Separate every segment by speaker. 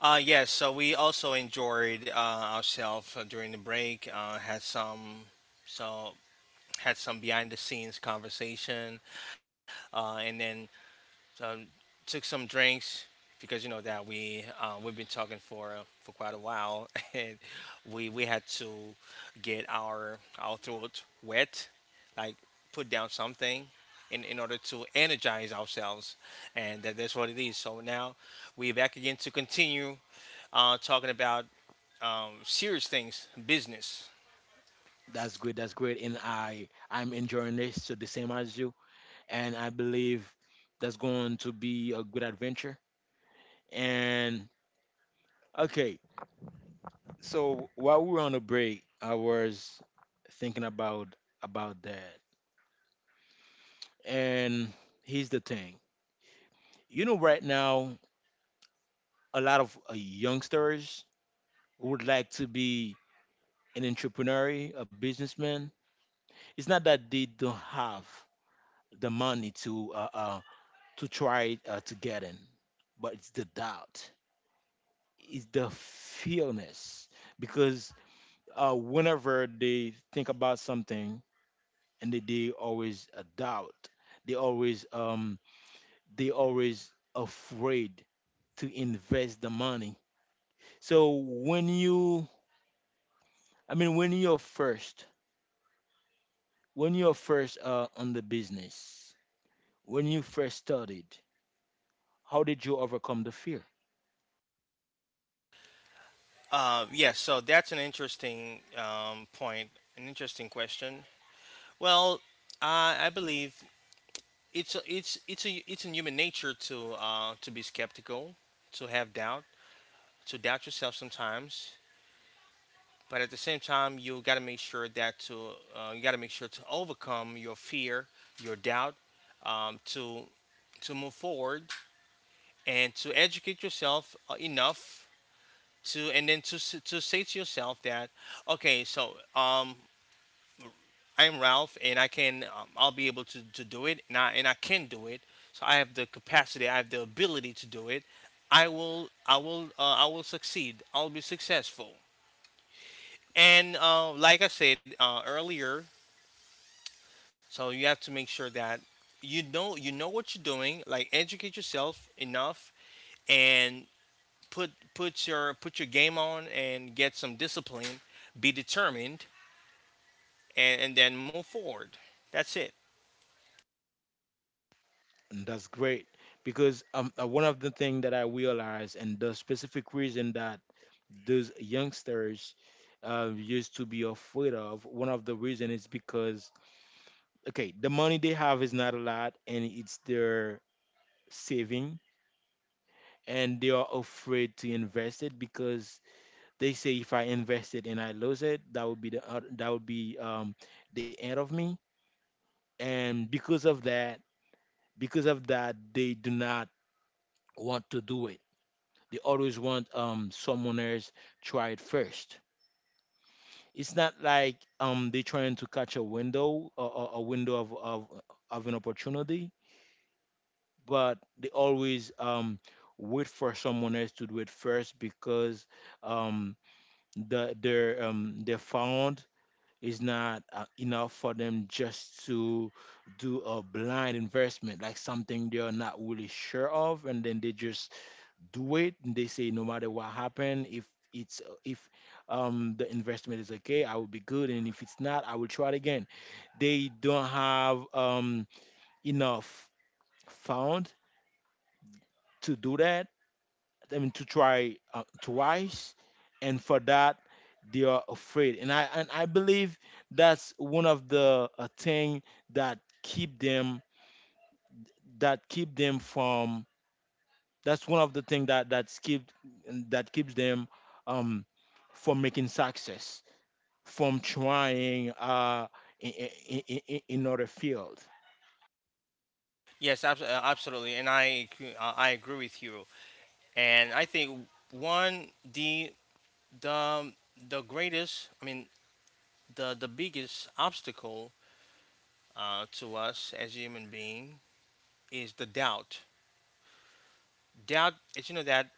Speaker 1: Yes, so we also enjoyed ourselves during the break. Had some so had some behind the scenes conversation, and then um, took some drinks because you know that we we've been talking for quite a while, and we had to get our throat wet, like put down something. In order to energize ourselves, and that's what it is. So now we're back again to continue talking about serious things, business. Yeah, so that's an interesting point, an interesting question. Well, I believe it's in human nature to be skeptical, to have doubt, to doubt yourself sometimes. But at the same time, you got to make sure to overcome your fear, your doubt, um, to to move forward and to educate yourself enough to and then to s- to say to yourself that okay, I'm Ralph and I'll be able to do it, and I can do it. So I have the capacity, I have the ability to do it. I will succeed, I'll be successful. And like I said earlier, so you have to make sure that you know what you're doing, like educate yourself enough, and put your game on and get some discipline, be determined, and then move forward. That's it. Yes, absolutely, and I agree with you. And I think one the the greatest, I mean the biggest obstacle to us as human being is the doubt. Doubt is, that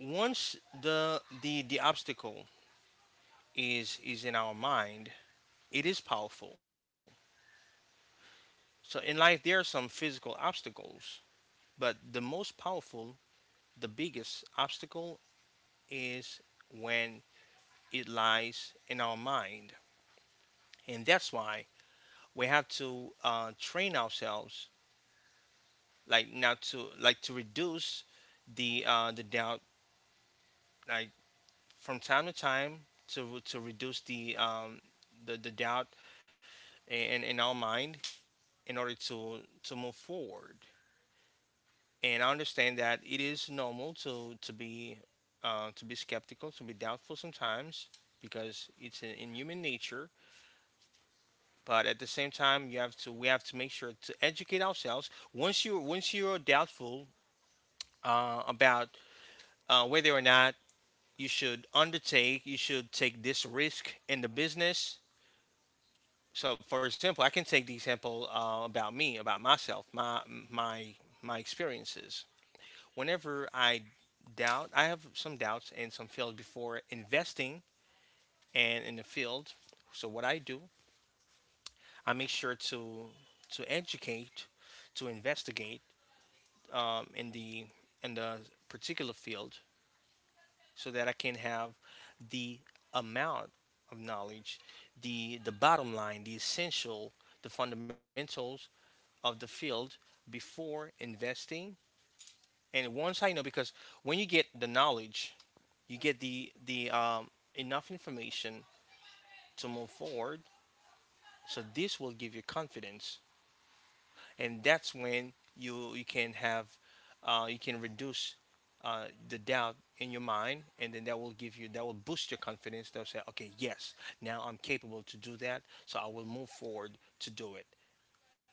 Speaker 1: once the obstacle is in our mind, it is powerful. So in life there are some physical obstacles, but the most powerful, the biggest obstacle is when it lies in our mind. And that's why we have to train ourselves, like now, to like to reduce the doubt, like from time to time to reduce the doubt in our mind in order to move forward. And I understand that it is normal to be skeptical, to be doubtful sometimes because it's in human nature. But at the same time, you have to we have to make sure to educate ourselves once you once you're doubtful, about whether or not you should take this risk in the business. So for example, I can take the example about me, about myself, my my experiences. Whenever I have some doubts and some failed before investing and in the field. So what I do, I make sure to educate, to investigate, um, in the in the particular field, so that I can have the amount of knowledge, the bottom line, the essential, the fundamentals of the field before investing. And once I know, because when you get the knowledge, you get the enough information to move forward. So this will give you confidence, and that's when you can reduce the doubt in your mind, and then that will boost your confidence. They'll say, okay, yes, now I'm capable to do that, so I will move forward to do it,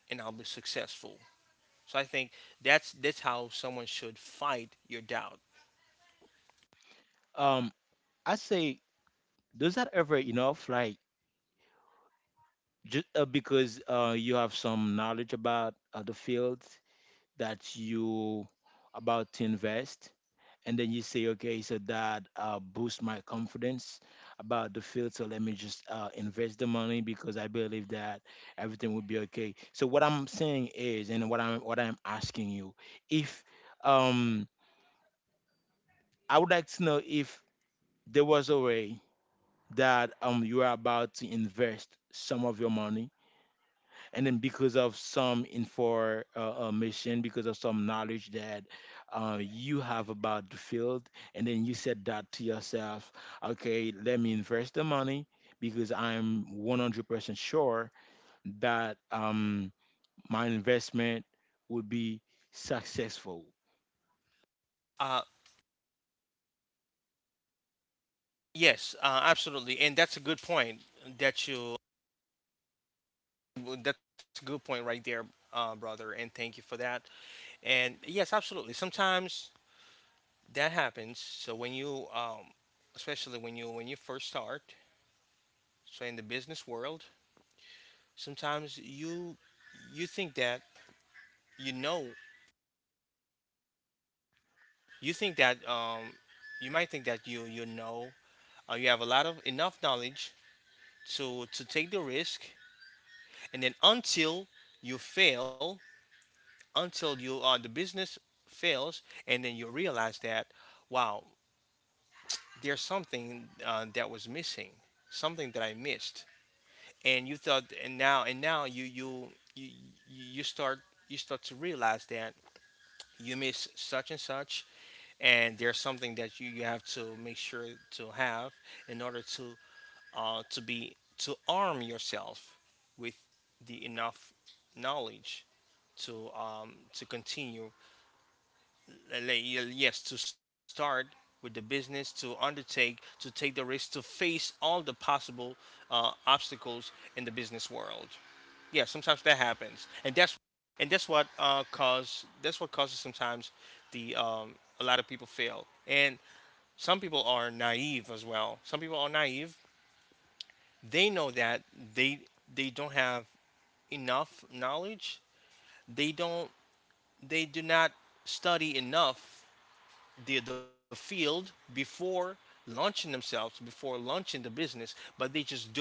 Speaker 1: and I'll be successful. So I think that's how someone should fight your doubt. Uh, yes uh, absolutely, and that's a good point that you that's a good point right there, brother, and thank you for that. And yes, absolutely, sometimes that happens. So when you especially when you first start, so in the business world, sometimes you think that, you know you think that um, you might think that you have a lot of enough knowledge to take the risk, and then until you fail, until you the business fails, and then you realize that, wow, there's something that was missing, something that I missed. And you thought and now, you you start to realize that you miss such and such, and there's something that you have to make sure to have in order to arm yourself with the enough knowledge to continue, like, yes, to start with the business, to undertake, to take the risk, to face all the possible obstacles in the business world. Yeah, sometimes that happens, and that's what causes sometimes, the a lot of people fail. And some people are naive as well. Some people are naive, they know that they they don't have enough knowledge, they don't they do not study enough the field before launching themselves, before launching the business, but they just do it.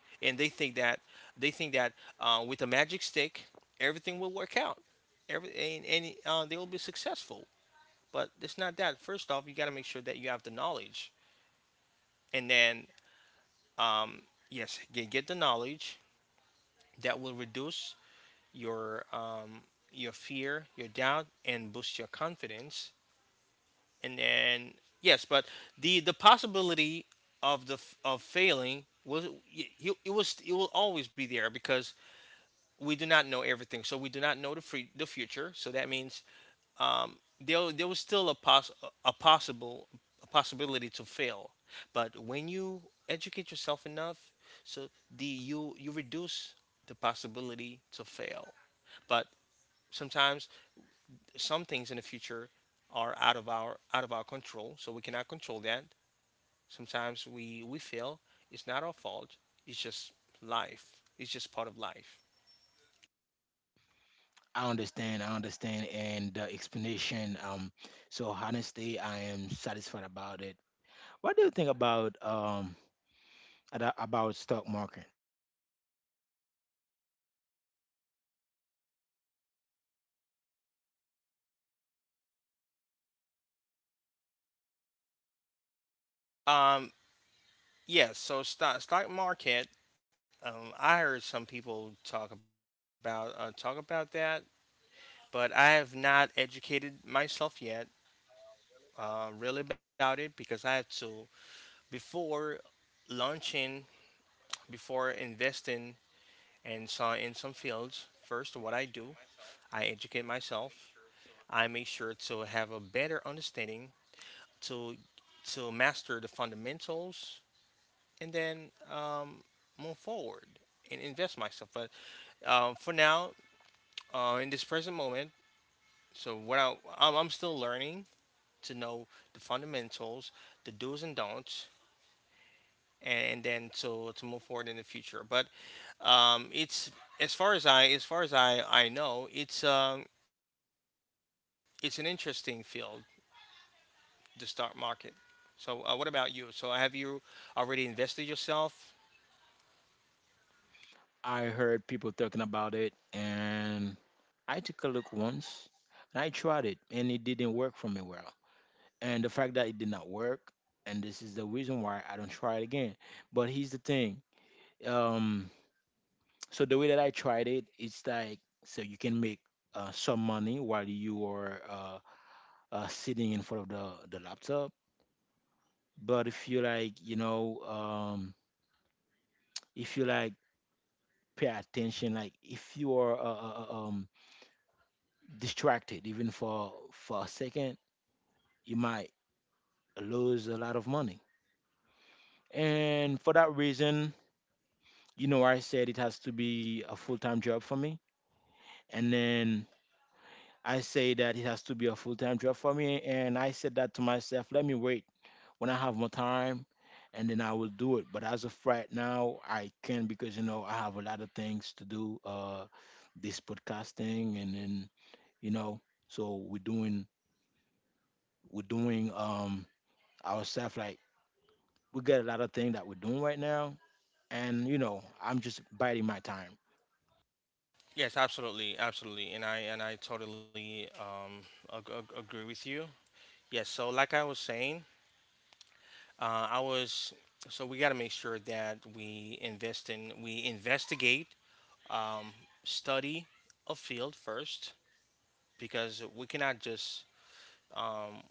Speaker 1: And they think that, with the magic stick, everything will work out, and they will be successful. But it's not that. First off, you got to make sure that you have the knowledge, and then, um, yes, get the knowledge, that will reduce your um, your fear, your doubt, and boost your confidence. And then, yes, but the possibility of failing was y- you it was it will always be there, because we do not know everything. So we do not know the future. So that means, there was still a possible a possibility to fail. But when you educate yourself enough, so the you you reduce the possibility to fail. But sometimes some things in the future are out of our control, so we cannot control that. Sometimes we fail. It's not our fault. It's just life. It's just part of life. Um, yeah. So stock market. I heard some people talk about that, but I have not educated myself yet, really, about it, because I have to, before launching, before investing, and so in some fields. First, what I do, I educate myself. I make sure to have a better understanding to to master the fundamentals, and then, move forward and invest myself. But, for now, in this present moment, so what I'm still learning to know the fundamentals, the do's and don'ts, and then to move forward in the future. But, it's, as far as I know, it's an interesting field, the stock market. So, what about you? So, have you already invested yourself?
Speaker 2: I heard people talking about it and I took a look once and I tried it and it didn't work for me well. And the fact that it did not work, and this is the reason why I don't try it again. But here's the thing. Um, so the way that I tried it, it's like so you can make some money while you are sitting in front of the laptop. But if you like, if you like pay attention, like if you are distracted even for a second you might lose a lot of money, and for that reason, I said it has to be a full-time job for me. And then I say that it has to be a full-time job for me, and I said that to myself, let me wait when I have more time and then I will do it. But as of right now I can, because I have a lot of things to do. This podcasting and then, you know so we're doing ourselves, like we got a lot of things that we're doing right now, and you know, I'm just biding my time.
Speaker 1: Yes, absolutely, absolutely, and I totally, agree with you. Yes, so like I was saying, I was so we got to make sure that we investigate, um, study a field first, because um,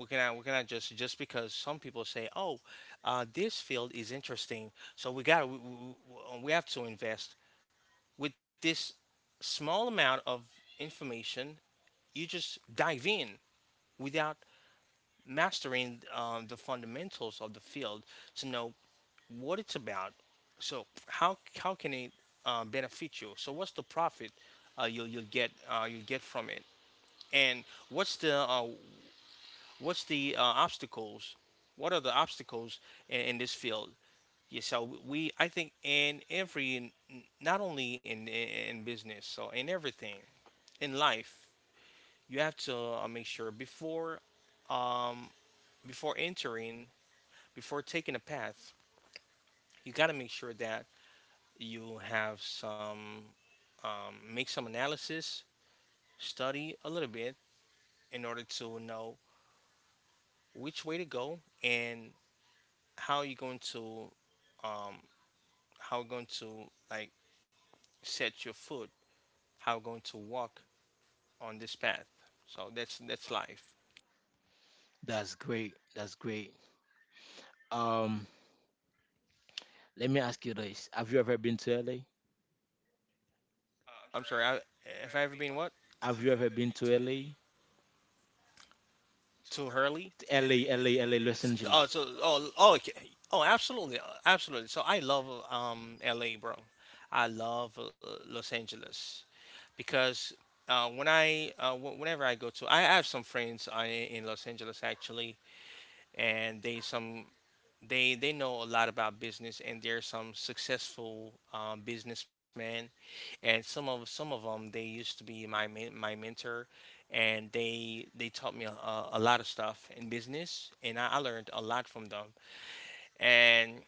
Speaker 1: we cannot just just because some people say, oh, this field is interesting, so we have to invest with this small amount of information. You just dive in without mastering, the fundamentals of the field, to know what it's about. So how can it benefit you? So what's the profit you'll get from it? And what's the obstacles? What are the obstacles in this field? Yeah, so we I think in every not only in business, so in everything in life, you have to make sure before, um, before entering, before taking a path, you got to make sure that you have some, make some analysis, study a little bit, in order to know which way to go, and how you're going to, um, how you're going to, like, set your foot, how you're going to walk on this path. So that's life.
Speaker 2: That's great. That's great. Um, let me ask you this: Have you ever been to LA?
Speaker 1: I'm sorry. Have I ever been what?
Speaker 2: Have you ever been to LA?
Speaker 1: To Hurley?
Speaker 2: To LA, LA, LA, Los
Speaker 1: LA, LA, LA, Los
Speaker 2: Angeles.
Speaker 1: Angeles. Oh, so, okay. Oh, absolutely, absolutely. So I love, L.A., bro. I love Los Angeles, because whenever I go to I have some friends in Los Angeles, actually, and they know a lot about business, and they're some successful, businessmen, and some of them, they used to be my mentor, and they taught me a lot of stuff in business, and I learned a lot from them. And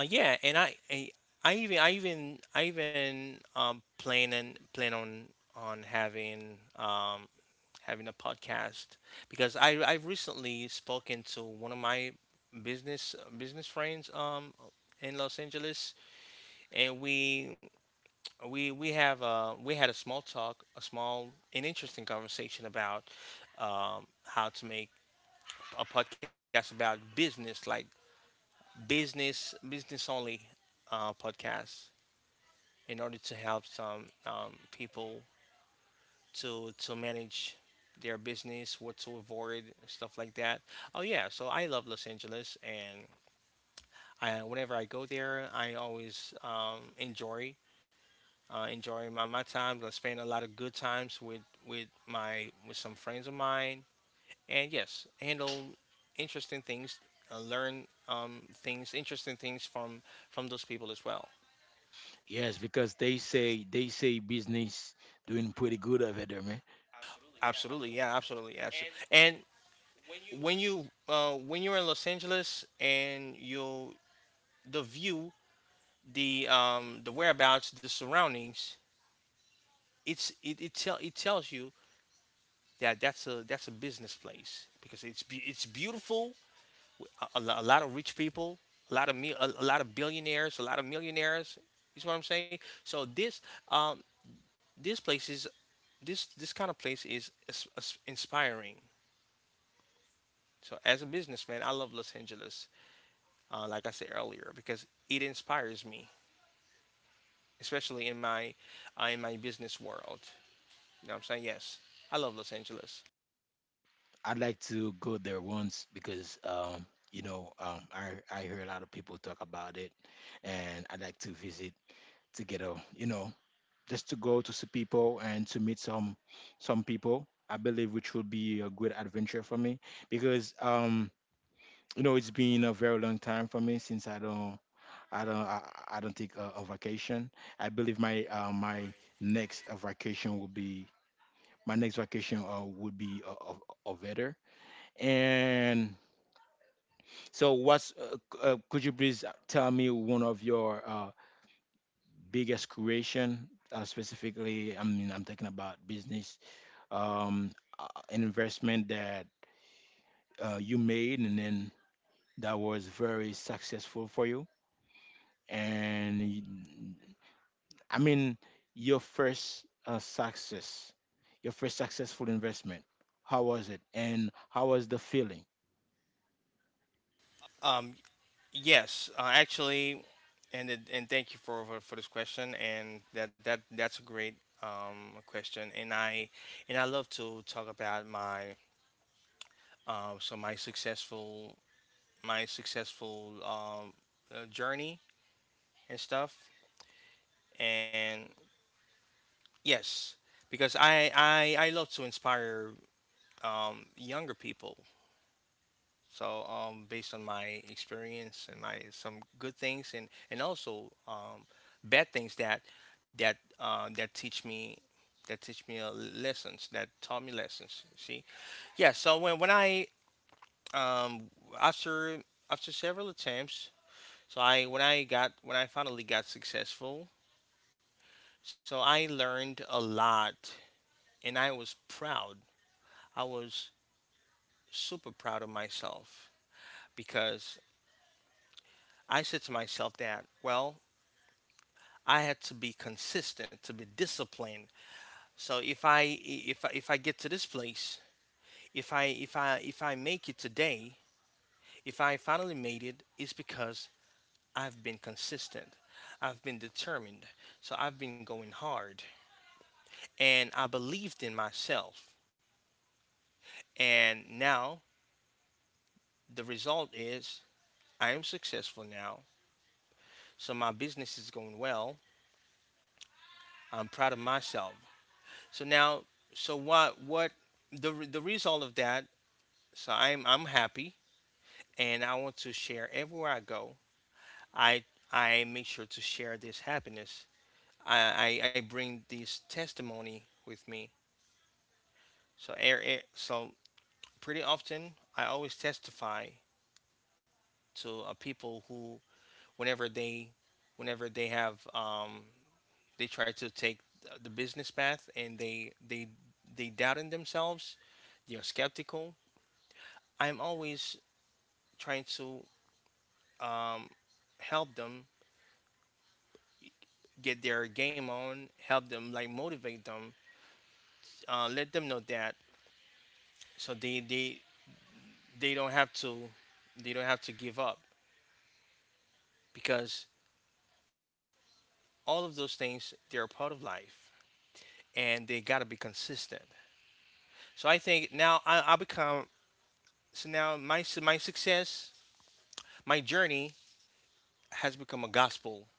Speaker 1: uh, yeah, and I even I even plan on having having a podcast because I've recently spoken to one of my business friends in Los Angeles and we have we had a small talk, a small and interesting conversation about how to make a podcast about business, like business only podcast, in order to help some people to manage their business, what to avoid, stuff like that. Oh yeah, so I love Los Angeles, and I, whenever I go there, I always enjoy enjoying my time. I spend a lot of good times with my with some friends of mine, and yes, handle interesting things, learn things, interesting things from those people as well.
Speaker 2: Yes, because they say business doing pretty good over there, man.
Speaker 1: Absolutely, yeah, absolutely, absolutely. And when you when you're in Los Angeles and you the view, the whereabouts, the surroundings, it tells you that that's a business place because it's beautiful a, lot of rich people, a lot of billionaires, a lot of millionaires. You see what I'm saying. So um, this place is this kind of place is, is inspiring. So as a businessman, I love Los Angeles. Like I said earlier, because it inspires me, especially in my business world. You know what I'm saying? Yes, I love Los Angeles.
Speaker 2: I'd like to go there once, because I hear a lot of people talk about it, and I'd like to visit, to get a, you know, just to go to see people and to meet some people. I believe which will be a good adventure for me, because it's been a very long time for me since I don't I, I don't take a vacation. I believe my next vacation will be my next vacation, would be a vetter. And so what's could you please tell me one of your biggest creation, specifically? I mean, I'm talking about business, um, an investment that you made and then that was very successful for you. And y- I mean, your first success, your first successful investment, how was it? And how was the feeling?
Speaker 1: Um, Yes, Actually, and thank you for this question. And that's a great question. And I love to talk about my so my successful journey and stuff. And yes, because I love to inspire younger people. So, based on my experience and my some good things and also bad things that that uh, that teach me that teach me lessons that taught me lessons. See, yeah. So when I um, after after several attempts, so I when I got when I finally got successful, so I learned a lot and I was proud. I was super proud of myself because I said to myself that, well, I had to be consistent, to be disciplined. So if if I get to this place, if I make it today, if I finally made it, it's because I've been consistent. I've been determined. So I've been going hard and I believed in myself. And now the result is I am successful now. So my business is going well. I'm proud of myself. So now so what the result of that. So I'm happy and I want to share everywhere I go. I I make sure to share this happiness. I bring this testimony with me. So so pretty often I always testify to people who whenever they whenever they have they try to take the business path and they doubt in themselves, they are skeptical. I'm always trying to um help them get their game on, help them, like motivate them, let them know that so they don't have to they don't have to give up because all of those things they're a part of life and they gotta be consistent. So I think now I become so now my success my journey has become a gospel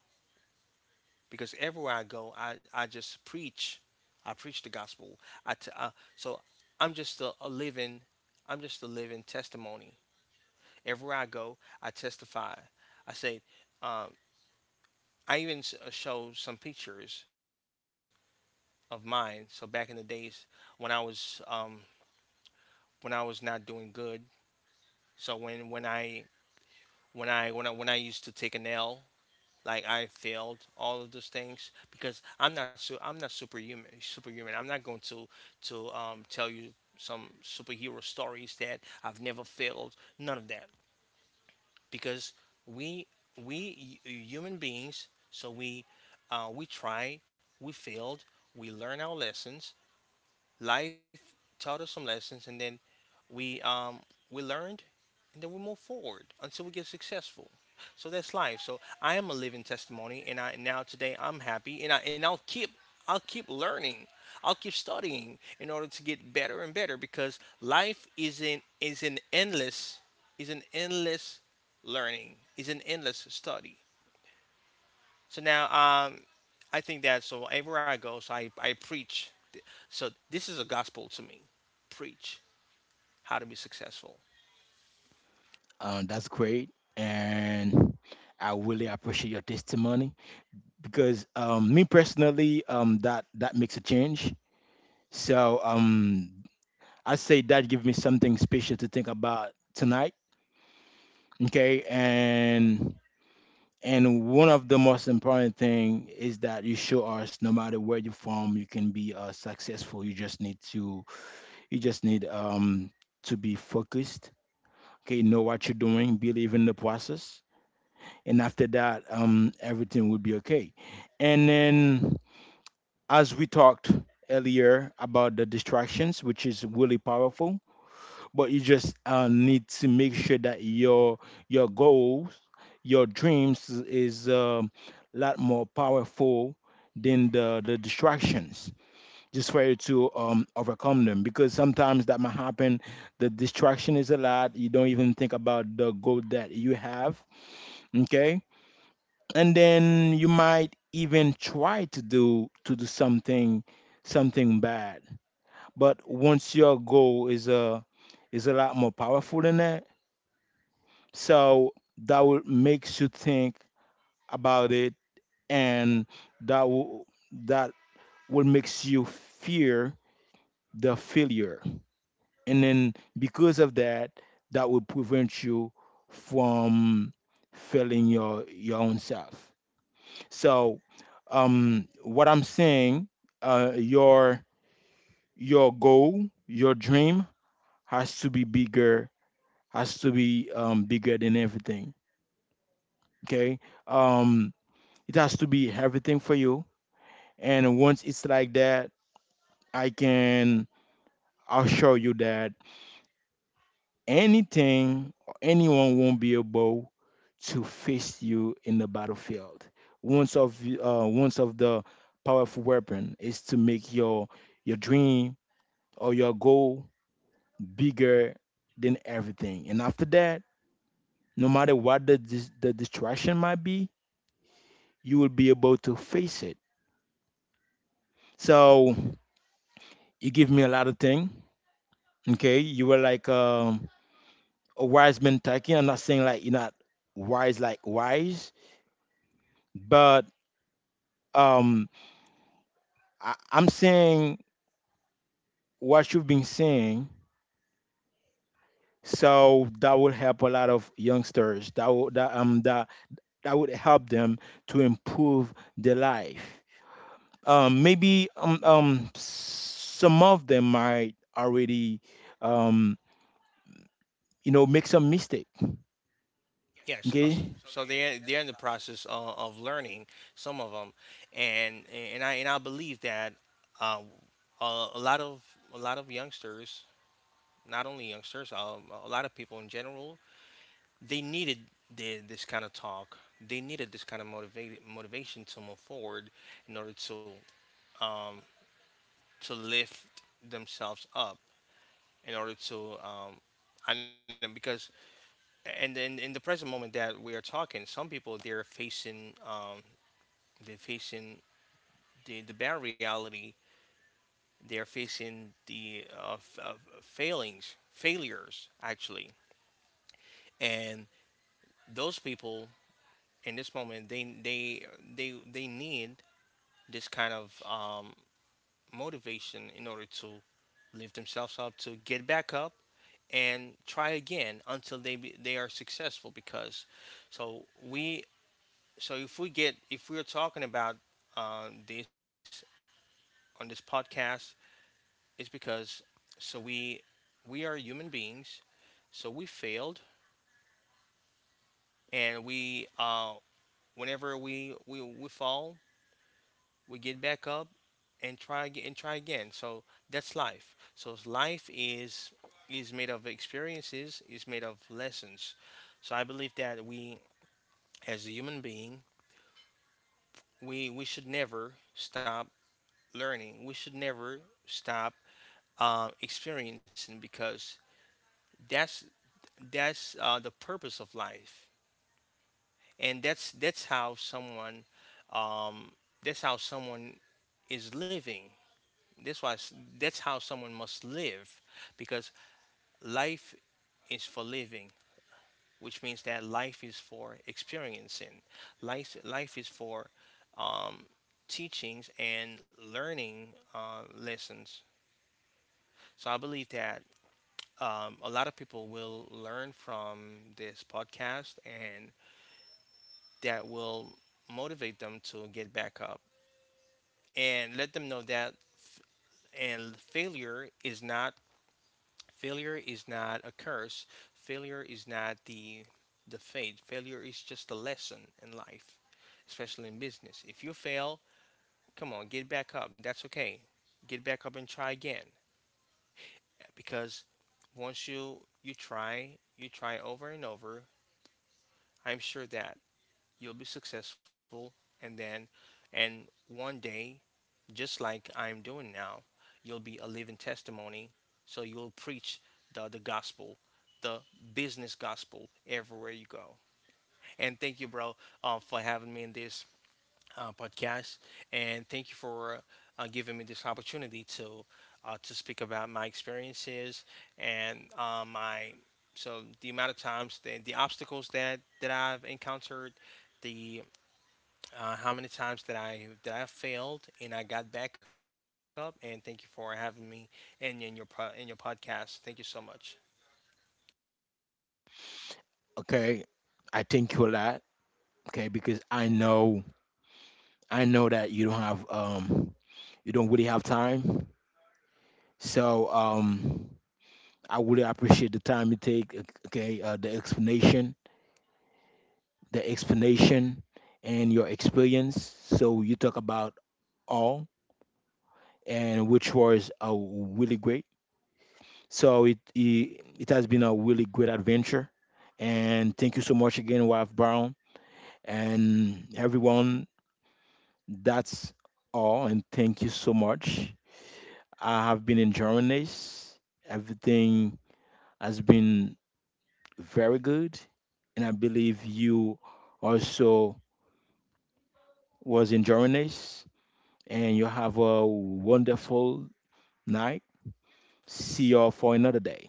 Speaker 1: because everywhere I go I just preach I preach the gospel. I t- so I'm just a living I'm just a living testimony. Everywhere I go, I testify. I say, um, I even show some pictures of mine. So back in the days when I was um, when I was not doing good. So when I used to take an L, like I failed all of those things because I'm not su- I'm not superhuman. Superhuman. I'm not going to tell you some superhero stories that I've never failed. None of that. Because we we human beings, so we try, we failed, we learn our lessons, life taught us some lessons, and then we um we learned and then we move forward until we get successful. So that's life. So I am a living testimony and I now today I'm happy and I'll keep learning. I'll keep studying in order to get better and better because life isn't is an endless learning, is an endless study. So now I think that so everywhere I go, so I preach. So this is a gospel to me. Preach how to be successful.
Speaker 2: That's great. And I really appreciate your testimony, because me personally, that makes a change. So, I say that gives me something special to think about tonight. Okay, and one of the most important thing is that you show us, no matter where you're from, you can be successful. You just need to, you just need to be focused. Okay, know what you're doing, believe in the process, and after that, um, everything will be okay. And then, as we talked earlier about the distractions, which is really powerful, but you just need to make sure that your goals, your dreams is, a lot more powerful than the distractions, just for you to, overcome them, because sometimes that might happen, the distraction is a lot, you don't even think about the goal that you have. Okay. And then you might even try to do something, something bad, but once your goal is a, is a lot more powerful than that, so that will makes you think about it, and that will that will makes you fear the failure, and then because of that, that will prevent you from failing your own self. So, what I'm saying, uh, your your goal, your dream has to be bigger, has to be, bigger than everything. Okay. Um, it has to be everything for you. And once it's like that, I can assure you that anything or anyone won't be able to face you in the battlefield. Once of Once of the powerful weapon is to make your dream or your goal bigger than everything. And after that, no matter what the distraction might be, you will be able to face it. So you give me a lot of thing. Okay, you were like, a wise man talking. I'm not saying like you're not wise, like wise, but, um, I, I'm saying what you've been saying. So that will help a lot of youngsters. That that would help them to improve their life. Maybe some of them might already, um, you know, make some mistake.
Speaker 1: Yes,
Speaker 2: Okay,
Speaker 1: so they're in the process of learning some of them, and and I believe that uh, a, a lot of a lot of youngsters, not only youngsters, a lot of people in general, they needed this kind of talk. They needed this kind of motivated motivation to move forward in order um, to lift themselves up, in order to, um, and then because and in the present moment that we are talking, some people they're facing, they're facing the bare reality. They're facing the failures, actually, and those people in this moment they need this kind of motivation in order to lift themselves up, to get back up, and try again until they are successful. Because so we so if we're talking about this on this podcast is because so we are human beings, so we failed, and we whenever we fall, we get back up and try again and try again. So that's life. So life is made of experiences, is made of lessons. So I believe that we as a human being, we should never stop learning. We should never stop experiencing because that's that's the purpose of life and that's how someone, um, that's how someone is living that's why s- that's how someone must live because life is for living, which means that life is for experiencing. Life is for um, teachings and learning lessons. So I believe that, a lot of people will learn from this podcast and that will motivate them to get back up and let them know that and failure is not a curse. Failure is not the the fate. Failure is just a lesson in life, especially in business. If you fail, come on, get back up. That's okay. Get back up and try again, because once you try over and over, I'm sure that you'll be successful. And then and one day, just like I'm doing now, you'll be a living testimony. So you'll preach the gospel, the business gospel everywhere you go. And thank you, bro, for having me in this podcast. And thank you for giving me this opportunity to speak about my experiences and my so the amount of times the obstacles that that I've encountered, the how many times that I failed and I got back up. And thank you for having me in your in your podcast. Thank you so much.
Speaker 2: okay, I thank you a lot. Okay, because I know that you don't have, um, you don't really have time. So, um, I really appreciate the time you take, okay, the explanation and your experience. So you talk about all, and which was really great. So it has been a really great adventure, and thank you so much again, Wife Brown and everyone. That's all, and thank you so much. I have been in Germany. Everything has been very good, and I believe you also was in Germany. And you have a wonderful night. See y'all for another day.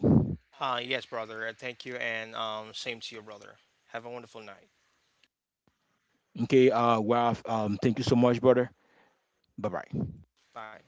Speaker 1: Yes, brother. Thank you, and, same to you, brother. Have a wonderful night.
Speaker 2: Okay. Ralph. Thank you so much, brother. Bye bye.
Speaker 1: Bye.